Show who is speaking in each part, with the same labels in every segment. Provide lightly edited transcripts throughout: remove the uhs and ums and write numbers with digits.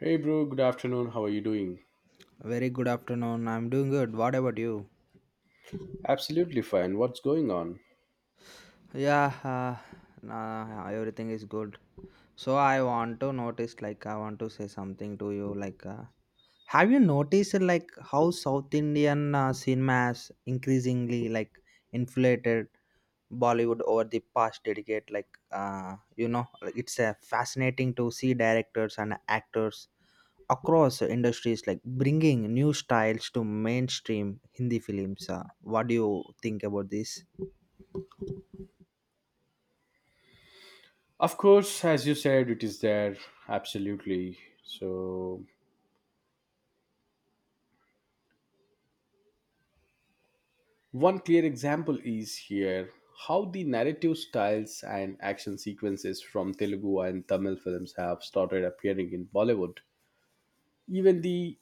Speaker 1: Hey, bro, good afternoon. How are you doing?
Speaker 2: Very good afternoon. I'm doing good. What about you?
Speaker 1: Absolutely fine. What's going on?
Speaker 2: Yeah, nah, everything is good. So I want to notice, like, I want to say something to you. Have you noticed, like, how South Indian cinema has increasingly, like, inflated Bollywood over the past decade? Like, it's fascinating to see directors and actors across industries, like, bringing new styles to mainstream Hindi films. What do you think about this?
Speaker 1: Of course, as you said, it is there. Absolutely. So, one clear example is here, how the narrative styles and action sequences from Telugu and Tamil films have started appearing in Bollywood. Even the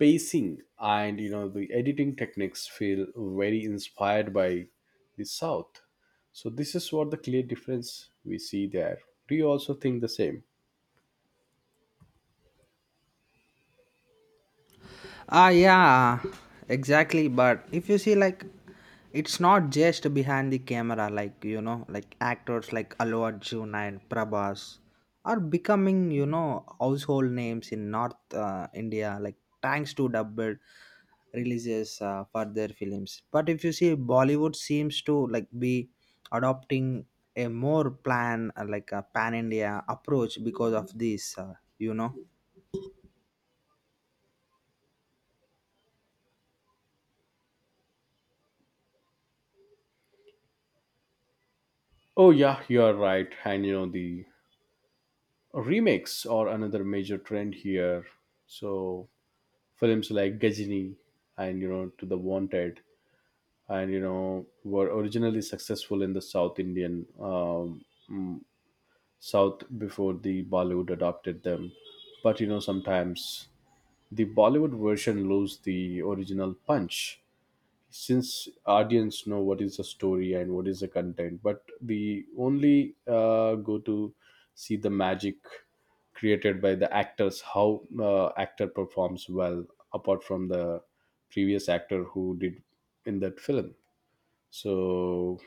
Speaker 1: pacing and you know the editing techniques feel very inspired by the South. So this is what the clear difference we see there. Do you also think the same?
Speaker 2: Ah, yeah, exactly. But if you see, like, it's not just behind the camera, like, you know, like actors like Allu Arjun and Prabhas are becoming, you know, household names in North India, like, thanks to dubbed releases for their films. But if you see, Bollywood seems to, like, be adopting a more a pan India approach because of this.
Speaker 1: Oh yeah, you're right. And you know the remakes are another major trend here. So films like Gajini and you know To the Wanted and you know were originally successful in the South Indian mm, South before the Bollywood adopted them. But you know sometimes the Bollywood version lose the original punch, since audience know what is the story and what is the content, but we only go to see the magic created by the actors, how actor performs well apart from the previous actor who did in that film. So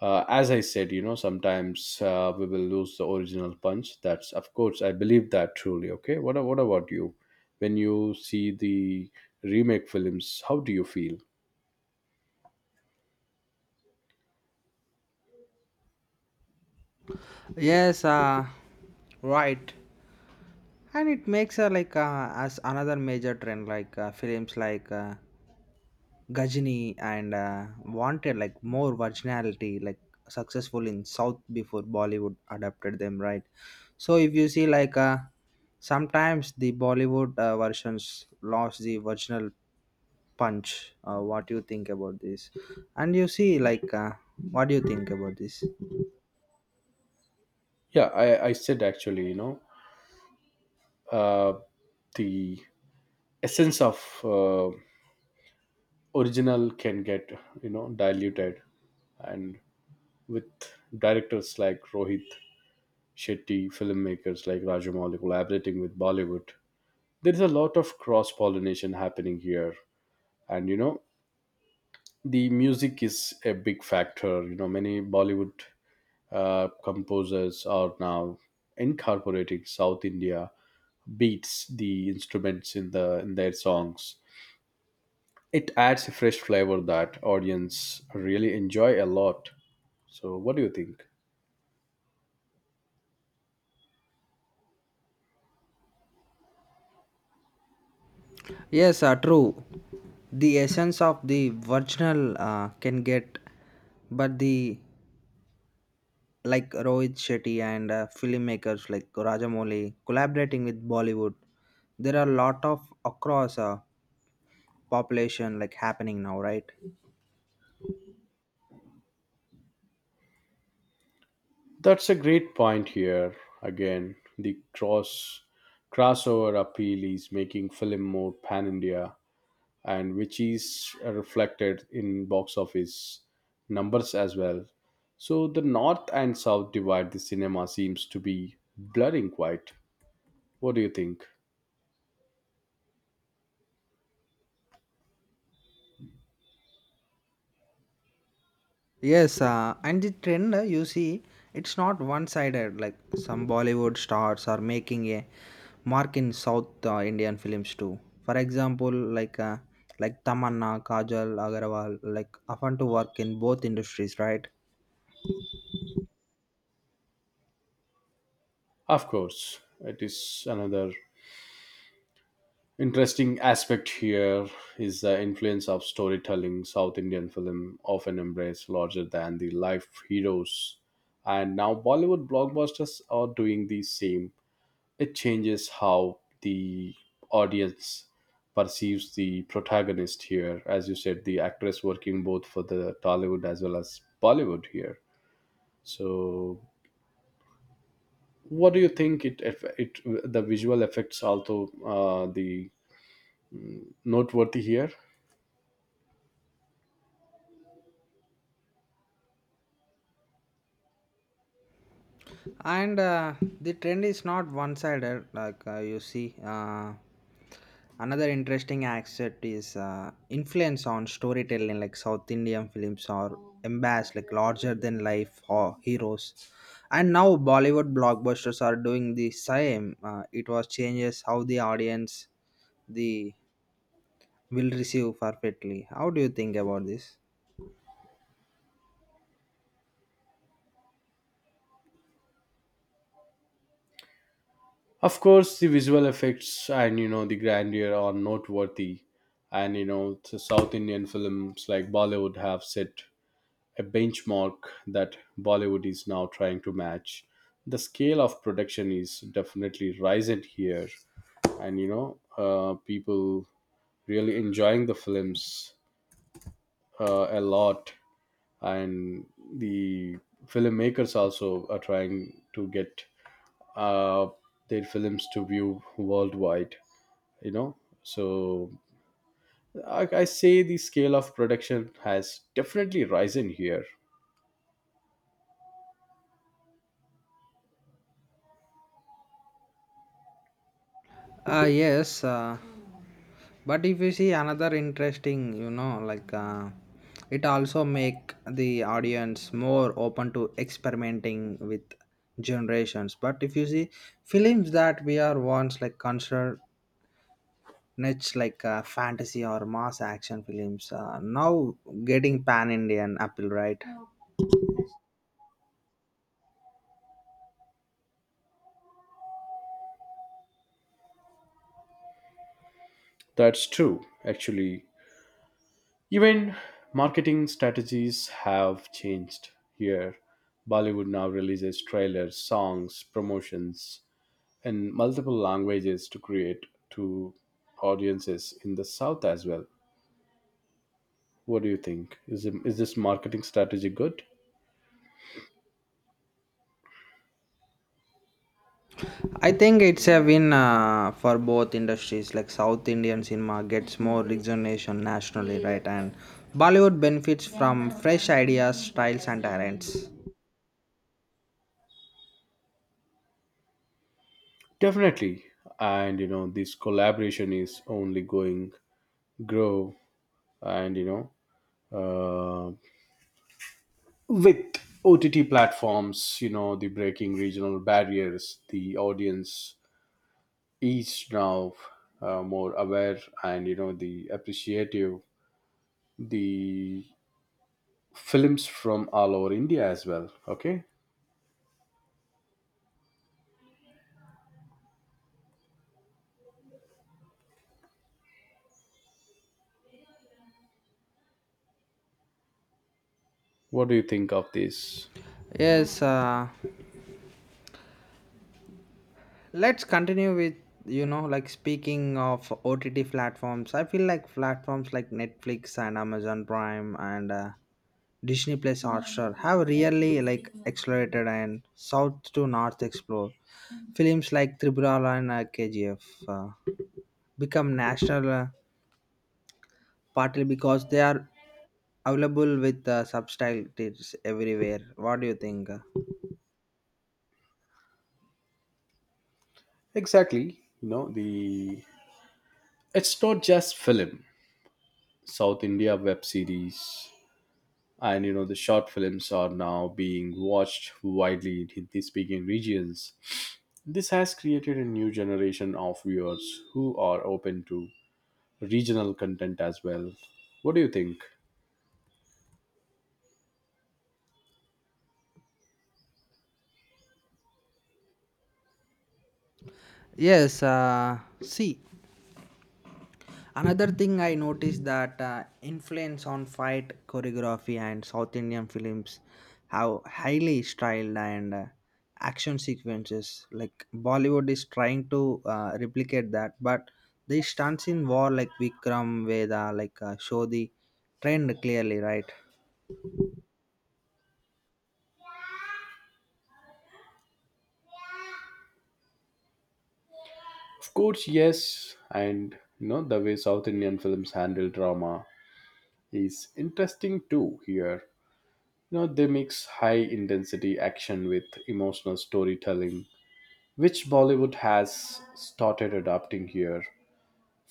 Speaker 1: as I said, you know, sometimes we will lose the original punch. That's of course, I believe that truly. Okay, what about you, when you see the remake films, how do you feel?
Speaker 2: Yes, right. And it makes her like as another major trend like films like Gajini and wanted like more virginality like successful in South before Bollywood adapted them, right? So if you see like sometimes the Bollywood versions lost the original punch. What do you think about this? And you see like what do you think about this?
Speaker 1: Yeah, I said actually, you know, uh, the essence of original can get, you know, diluted. And with directors like Rohit Shetty, filmmakers like Rajamouli collaborating with Bollywood, there is a lot of cross pollination happening here. And, you know, the music is a big factor. You know, many Bollywood composers are now incorporating South India beats, the instruments in their songs. It adds a fresh flavor that audience really enjoy a lot. So what do you think?
Speaker 2: Yes, true. The essence of the original can get, but the like Rohit Shetty and filmmakers like Rajamouli collaborating with Bollywood, there are a lot of across population like happening now, right?
Speaker 1: That's a great point here. Again, the crossover appeal is making film more pan India, and which is reflected in box office numbers as well. So the north and south divide the cinema seems to be blurring quite. What do you think?
Speaker 2: Yes, and the trend you see, it's not one-sided. Like some Bollywood stars are making a mark in South Indian films too. For example, like Tamanna, Kajal, Agarwal, like often to work in both industries, right?
Speaker 1: Of course, it is another interesting aspect here, is the influence of storytelling. South Indian film often embrace larger than the life heroes, and now Bollywood blockbusters are doing the same. It changes how the audience perceives the protagonist here. As you said, the actress working both for the Tollywood as well as Bollywood here. So, what do you think? It the visual effects, also the noteworthy here.
Speaker 2: And the trend is not one sided like you see another interesting aspect is influence on storytelling like South Indian films or embraced like larger than life or heroes, and now Bollywood blockbusters are doing the same. It was changes how the audience the will receive perfectly. How do you think about this?
Speaker 1: Of course, the visual effects and you know the grandeur are noteworthy, and you know the South Indian films like Bollywood have set a benchmark that Bollywood is now trying to match. The scale of production is definitely rising here, and you know people really enjoying the films a lot, and the filmmakers also are trying to get uh, their films to view worldwide, you know. So I say the scale of production has definitely risen here.
Speaker 2: Yes, but if you see another interesting, you know, like it also make the audience more open to experimenting with generations. But if you see films that we are once like considered niche like fantasy or mass action films now getting pan Indian appeal, right?
Speaker 1: That's true actually. Even marketing strategies have changed here. Bollywood now releases trailers, songs, promotions in multiple languages to create to audiences in the south as well. What do you think, is this marketing strategy good?
Speaker 2: I think it's a win for both industries. Like South Indian cinema gets more recognition nationally, right? And Bollywood benefits from fresh ideas, styles, and talents.
Speaker 1: Definitely. And you know, this collaboration is only going grow. And you know, with OTT platforms, you know, the breaking regional barriers, the audience is now more aware and you know, the appreciative the films from all over India as well. Okay. What do you think of this?
Speaker 2: Yes, let's continue with you know like speaking of OTT platforms. I feel like platforms like Netflix and Amazon Prime and Disney Plus Hotstar have really like accelerated and south to north explore films like Tribhulan and KGF. Uh, Become national partly because they are available with subtitles everywhere. What do you think?
Speaker 1: Exactly. You know, the it's not just film. South India web series and you know the short films are now being watched widely in Hindi speaking regions. This has created a new generation of viewers who are open to regional content as well. What do you think?
Speaker 2: Yes, see, another thing I noticed that influence on fight choreography and South Indian films have highly styled and action sequences like Bollywood is trying to replicate that, but the stunts in war like Vikram Veda like show the trend clearly, right?
Speaker 1: Of course, yes. And you know the way South Indian films handle drama is interesting too here. You know, they mix high intensity action with emotional storytelling, which Bollywood has started adopting here.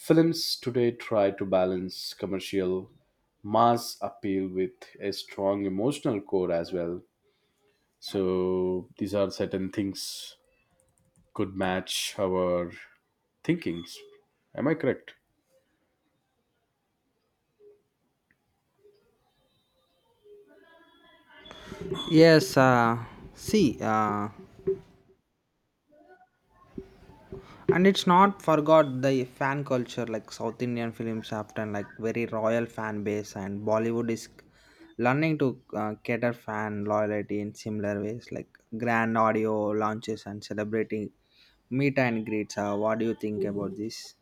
Speaker 1: Films today try to balance commercial mass appeal with a strong emotional core as well. So these are certain things could match our thinkings. Am I correct?
Speaker 2: Yes, see, and it's not forgot the fan culture like South Indian films often like very royal fan base, and Bollywood is learning to cater fan loyalty in similar ways like grand audio launches and celebrating meet and greets. What do you think about this?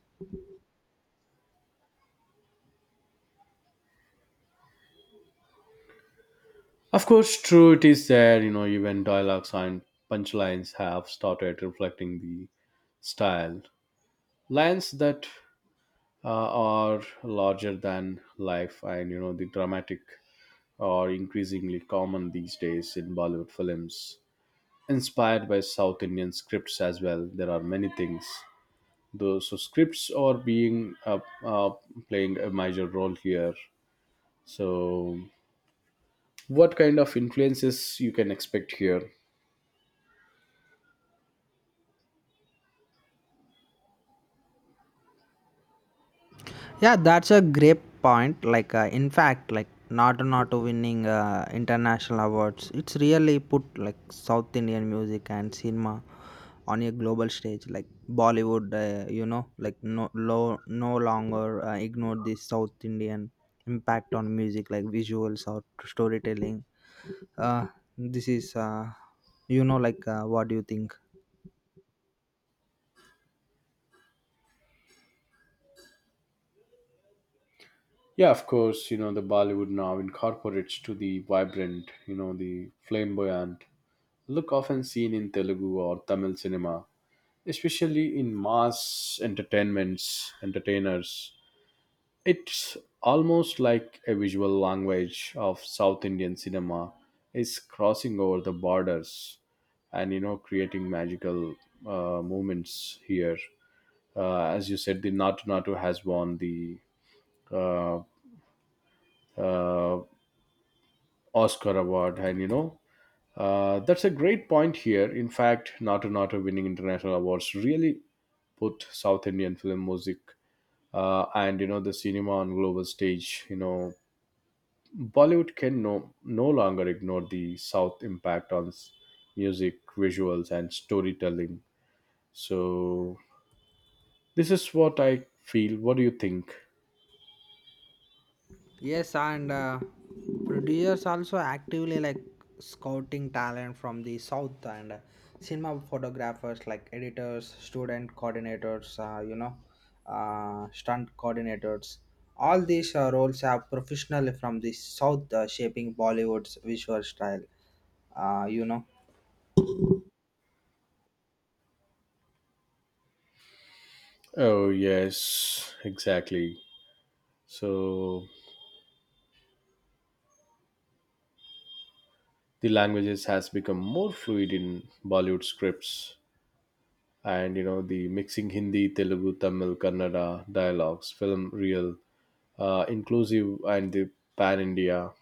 Speaker 1: Of course, true, it is there, you know, even dialogues and punchlines have started reflecting the style. Lines that are larger than life and, you know, the dramatic are increasingly common these days in Bollywood films, inspired by South Indian scripts as well. There are many things. Those so scripts are being uh, playing a major role here. So, what kind of influences you can expect here?
Speaker 2: Yeah, that's a great point. Like, in fact, like not winning international awards, it's really put like South Indian music and cinema on a global stage. Like Bollywood, like no longer ignore this South Indian impact on music, like visuals or storytelling. Uh, this is, you know, like what do you think?
Speaker 1: Yeah, of course. You know the Bollywood now incorporates to the vibrant, you know the flamboyant look often seen in Telugu or Tamil cinema, especially in mass entertainments entertainers. It's almost like a visual language of South Indian cinema is crossing over the borders, and you know creating magical moments here. As you said, the Natu Natu has won the uh, uh, Oscar award, and you know that's a great point here. In fact, Natu Natu winning international awards really put South Indian film music and you know the cinema on global stage. You know Bollywood can no longer ignore the South impact on music, visuals, and storytelling. So, this is what I feel. What do you think?
Speaker 2: Yes, and producers also actively like scouting talent from the south, and cinema photographers like editors, student coordinators, stunt coordinators. All these roles are professionally from the south, shaping Bollywood's visual style. Uh, you know.
Speaker 1: Oh, yes, exactly. So, the languages has become more fluid in Bollywood scripts. And, you know, the mixing Hindi, Telugu, Tamil, Kannada dialogues, film, real, inclusive, and the pan India.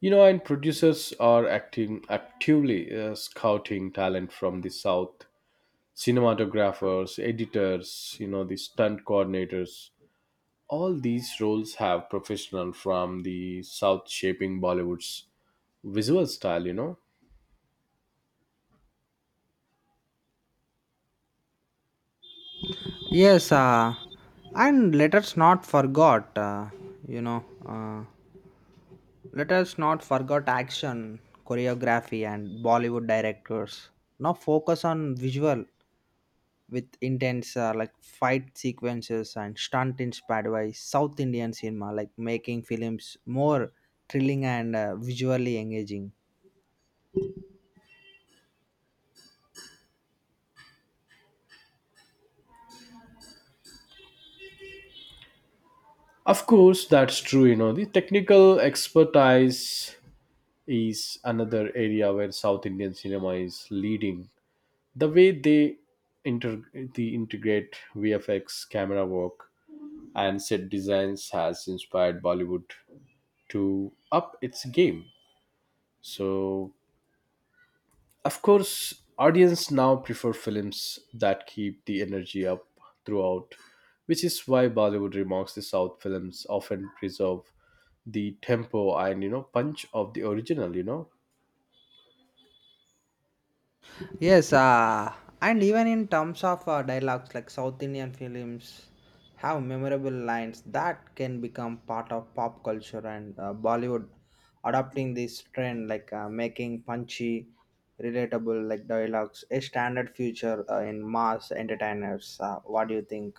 Speaker 1: You know, and producers are acting actively scouting talent from the south. Cinematographers, editors, you know, the stunt coordinators. All these roles have professional from the south, shaping Bollywood's visual style, you know.
Speaker 2: Yes, and let us not forget, you know. Uh, let us not forget action, choreography, and Bollywood directors. Now focus on visual with intense like fight sequences and stunt inspired by South Indian cinema, like making films more thrilling and visually engaging.
Speaker 1: Of course, that's true, you know. The technical expertise is another area where South Indian cinema is leading. The way they inter- the integrate VFX, camera work, and set designs has inspired Bollywood to up its game. So, of course, audience now prefer films that keep the energy up throughout, which is why Bollywood remarks the South films often preserve the tempo and you know punch of the original. You know,
Speaker 2: Yes, and even in terms of dialogues, like South Indian films have memorable lines that can become part of pop culture, and Bollywood adopting this trend, like making punchy, relatable like dialogues a standard feature in mass entertainers. What do you think?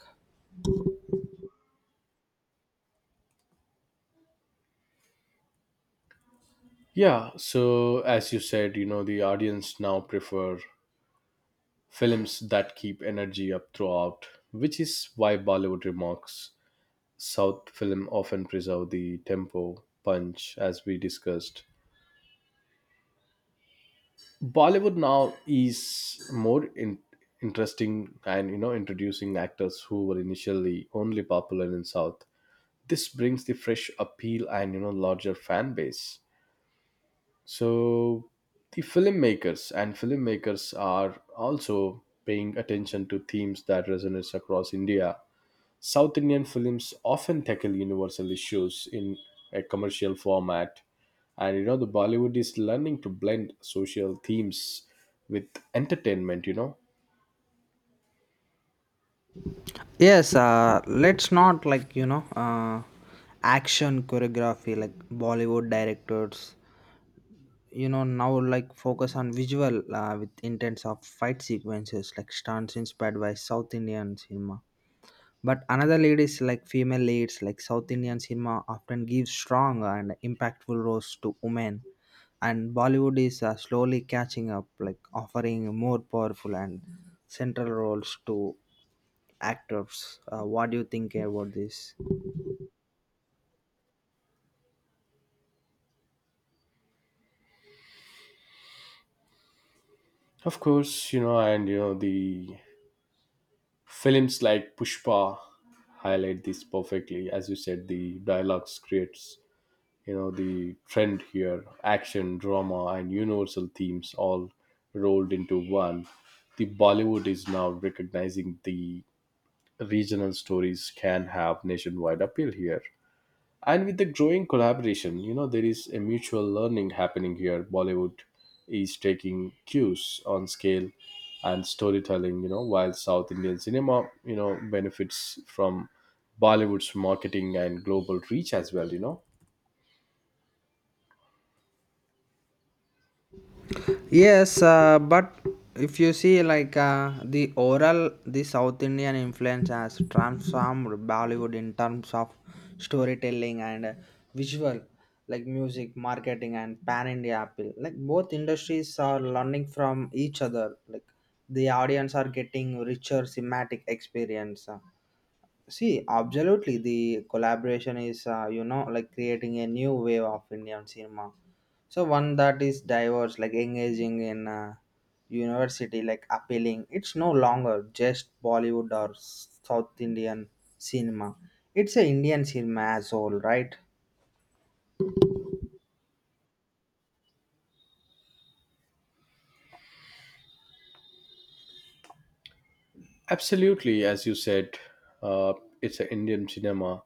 Speaker 1: yeah. So as you said, you know the audience now prefer films that keep energy up throughout, which is why Bollywood remarks South film often preserve the tempo, punch, as we discussed. Bollywood now is more interesting and you know introducing actors who were initially only popular in South. This brings the fresh appeal and you know larger fan base. So the filmmakers are also paying attention to themes that resonates across India. South Indian films often tackle universal issues in a commercial format, and you know the Bollywood is learning to blend social themes with entertainment. You know,
Speaker 2: Yes, let's not like you know action choreography like Bollywood directors you know now like focus on visual with intents of fight sequences like stunts inspired by South Indian cinema, but another lead is like female leads like South Indian cinema often gives strong and impactful roles to women, and Bollywood is slowly catching up like offering more powerful and central roles to actors. What do you think about this?
Speaker 1: of course, you know, and you know the films like Pushpa highlight this perfectly. As you said, the dialogues creates you know the trend here, action, drama, and universal themes all rolled into one. The Bollywood is now recognizing the regional stories can have nationwide appeal here. And with the growing collaboration, you know, there is a mutual learning happening here. Bollywood is taking cues on scale and storytelling, you know, while South Indian cinema, you know, benefits from Bollywood's marketing and global reach as well, you know.
Speaker 2: Yes, but if you see, like, the oral, the South Indian influence has transformed Bollywood in terms of storytelling and visual, like music, marketing, and pan India appeal. Like, both industries are learning from each other. Like, the audience are getting richer thematic experience. See, absolutely, the collaboration is, like creating a new wave of Indian cinema. So one that is diverse, like engaging in university, like appealing. It's no longer just Bollywood or South Indian cinema. It's a Indian cinema as whole, right?
Speaker 1: Absolutely, as you said, uh, it's an Indian cinema.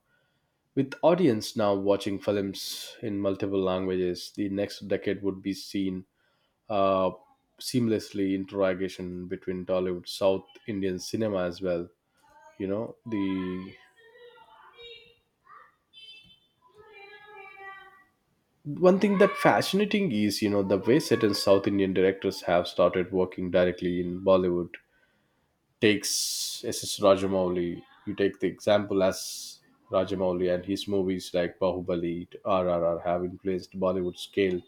Speaker 1: With audience now watching films in multiple languages, the next decade would be seen uh, seamlessly interrogation between Tollywood, South Indian cinema as well. You know, the one thing that fascinating is, you know, the way certain South Indian directors have started working directly in Bollywood. Takes S. S. Rajamouli, you take the example as Rajamouli, and his movies like Bahubali, RRR have influenced Bollywood scale,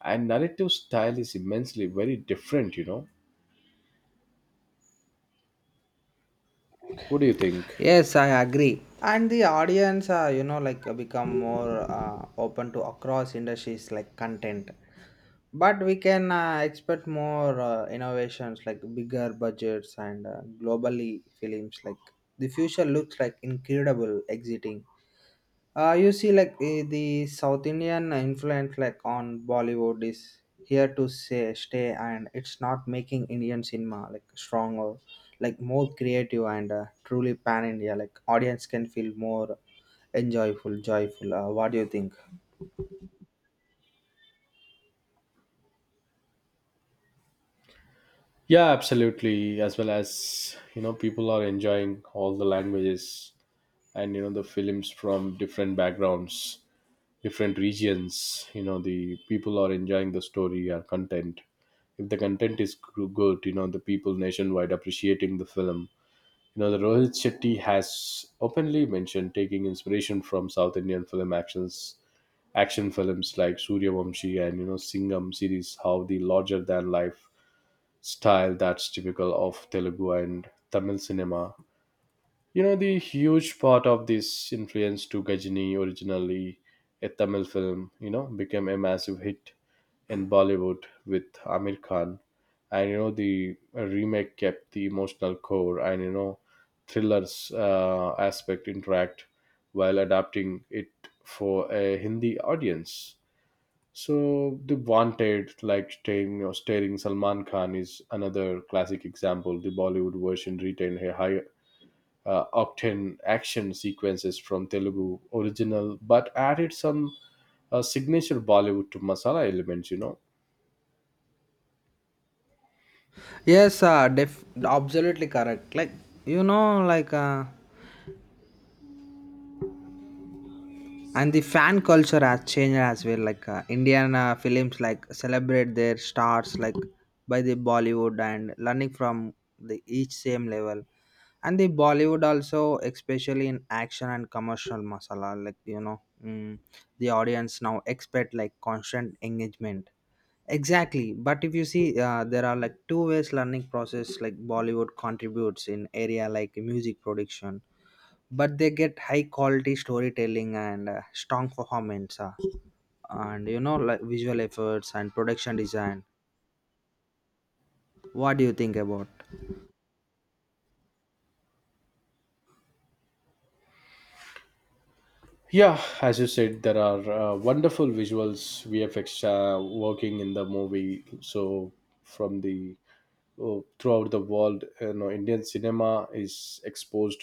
Speaker 1: and narrative style is immensely very different, you know. What do you think?
Speaker 2: Yes, I agree. And the audience become more open to across industries like content. But we can expect more innovations like bigger budgets and globally films like the future looks like incredible exiting. You see like the South Indian influence like on Bollywood is here to say, stay, and it's not making Indian cinema like stronger, like more creative and truly pan India like audience can feel more joyful. What do you think?
Speaker 1: Yeah, absolutely. As well as, you know, people are enjoying all the languages and, you know, the films from different backgrounds, different regions. You know, the people are enjoying the story or content. If the content is good, you know, the people nationwide appreciating the film. You know, the Rohit Shetty has openly mentioned taking inspiration from South Indian film actions, action films like Suryavamshi and, you know, Singham series, how the larger than life style that's typical of Telugu and Tamil cinema. You know, the huge part of this influence to Gajini, originally a Tamil film, you know, became a massive hit in Bollywood with Amir Khan. And you know, the remake kept the emotional core and you know, thrillers aspect intact while adapting it for a Hindi audience. So the wanted, like staying or staring Salman Khan is another classic example. The Bollywood version retained a high octane action sequences from Telugu original, but added some signature Bollywood to masala elements. You know,
Speaker 2: Absolutely correct. Like you know like uh, and the fan culture has changed as well like Indian films like celebrate their stars like by the Bollywood and learning from the each same level, and the Bollywood also especially in action and commercial masala like you know mm, the audience now expect like constant engagement. Exactly, but if you see there are like two ways learning process like Bollywood contributes in area like music production, but they get high quality storytelling and strong performance, and you know like visual efforts and production design. What do you think about?
Speaker 1: yeah, as you said, there are wonderful visuals, VFX working in the movie. So from the throughout the world, you know indian cinema is exposed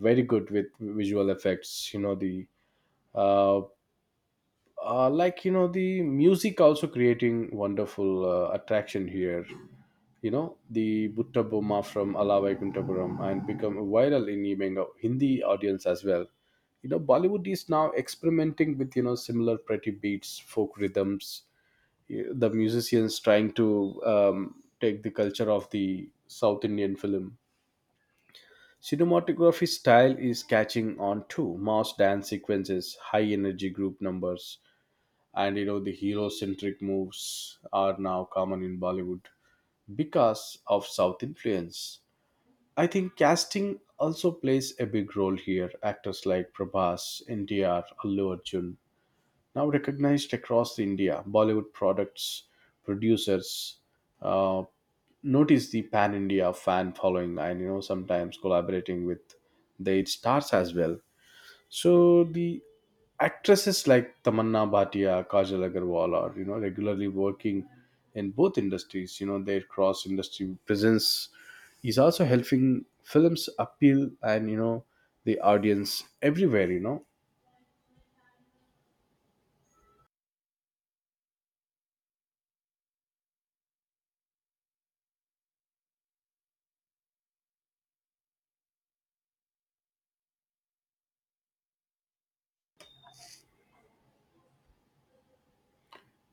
Speaker 1: very good with visual effects. You know the uh, like you know the music also creating wonderful attraction here. You know the butta Boma from alawai kuntapuram and become viral in the hindi audience as well. You know Bollywood is now experimenting with you know similar pretty beats, folk rhythms. The musicians trying to take the culture of the South Indian film. Cinematography style is catching on too. Mass dance sequences, high energy group numbers, and you know the hero-centric moves are now common in Bollywood because of South influence. I think casting also plays a big role here. Actors like Prabhas, NTR, Allu Arjun, now recognized across India. Bollywood products producers uh, notice the pan India fan following, and you know sometimes collaborating with their stars as well. So the actresses like Tamanna Bhatia, Kajal Agarwal are you know regularly working in both industries. You know their cross industry presence is also helping films appeal and you know the audience everywhere. You know,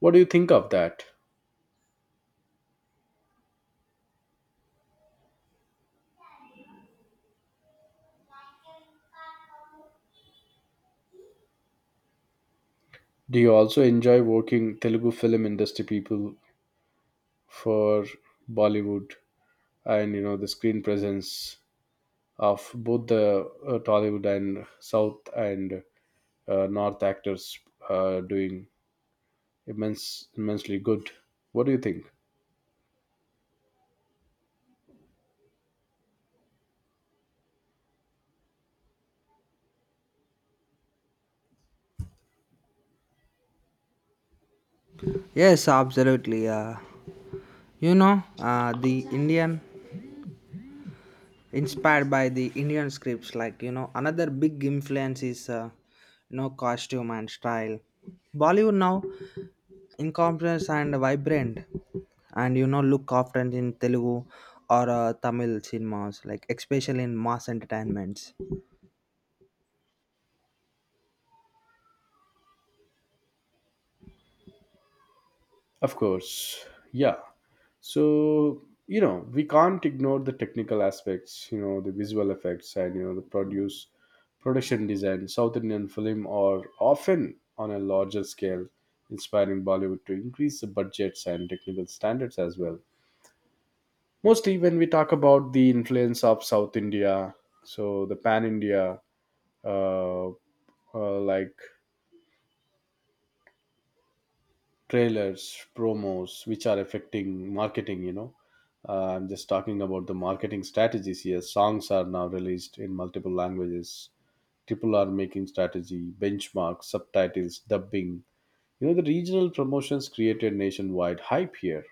Speaker 1: what do you think of that? Do you also enjoy working Telugu film industry people for Bollywood, and you know the screen presence of both the Tollywood and South and North actors doing immense immensely good? What do you think?
Speaker 2: Yes, absolutely. The Indian inspired by the Indian scripts like you know another big influence is costume and style. Bollywood now incompetence and vibrant, and you know look often in Telugu or Tamil cinemas like especially in mass entertainments.
Speaker 1: Of course. Yeah. So, you know, we can't ignore the technical aspects, you know, the visual effects and, you know, the produce production design. South Indian film are often on a larger scale, inspiring Bollywood to increase the budgets and technical standards as well. Mostly when we talk about the influence of South India, so the pan India, uh, like trailers, promos, which are affecting marketing. You know, I'm just talking about the marketing strategies here. Songs are now released in multiple languages. Triple R making strategy benchmarks, subtitles, dubbing, you know the regional promotions created nationwide hype here.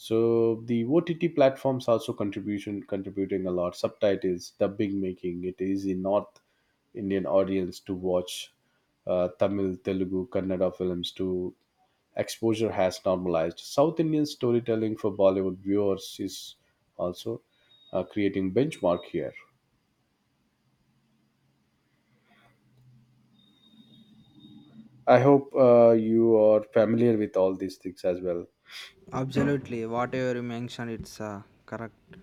Speaker 1: So the OTT platforms also contribution contributing a lot. Subtitles, dubbing, making it easy North Indian audience to watch Tamil, Telugu, Kannada films. To exposure has normalized South Indian storytelling for Bollywood viewers, is also creating benchmark here. I hope you are familiar with all these things as well.
Speaker 2: Absolutely, whatever you mentioned, it's correct.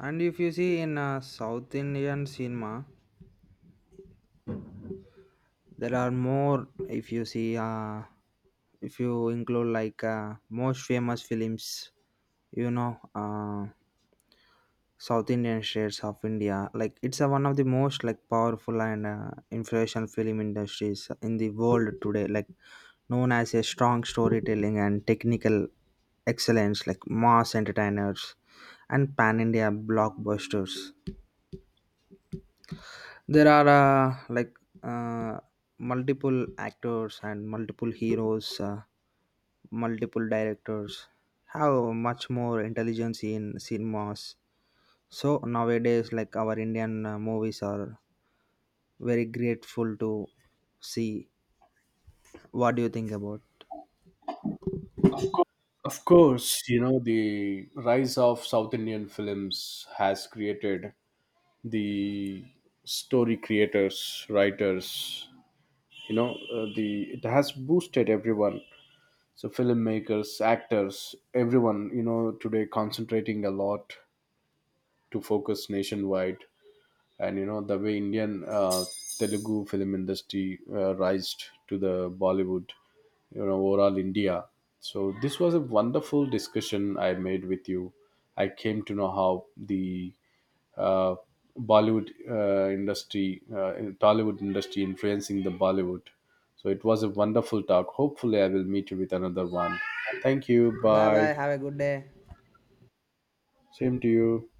Speaker 2: And if you see in South Indian cinema, there are more if you see if you include like most famous films you know South Indian states of India, like it's a, one of the most like powerful and influential film industries in the world today, like known as a strong storytelling and technical excellence like mass entertainers and pan India blockbusters. There are uh, multiple actors and multiple heroes, multiple directors. Have much more intelligence in cinemas. So nowadays, like our Indian movies are very grateful to see. What do you think about?
Speaker 1: Of course, you know the rise of South Indian films has created the story creators, writers. You know the it has boosted everyone. So filmmakers, actors, everyone, you know, today concentrating a lot to focus nationwide. And you know the way indian telugu film industry rised to the Bollywood, you know, overall India. So this was a wonderful discussion I made with you. I came to know how the uh, Bollywood industry, Tollywood industry influencing the Bollywood. So it was a wonderful talk. Hopefully, I will meet you with another one. Thank you.
Speaker 2: Bye
Speaker 1: Bye.
Speaker 2: bye. Have a good day.
Speaker 1: Same to you.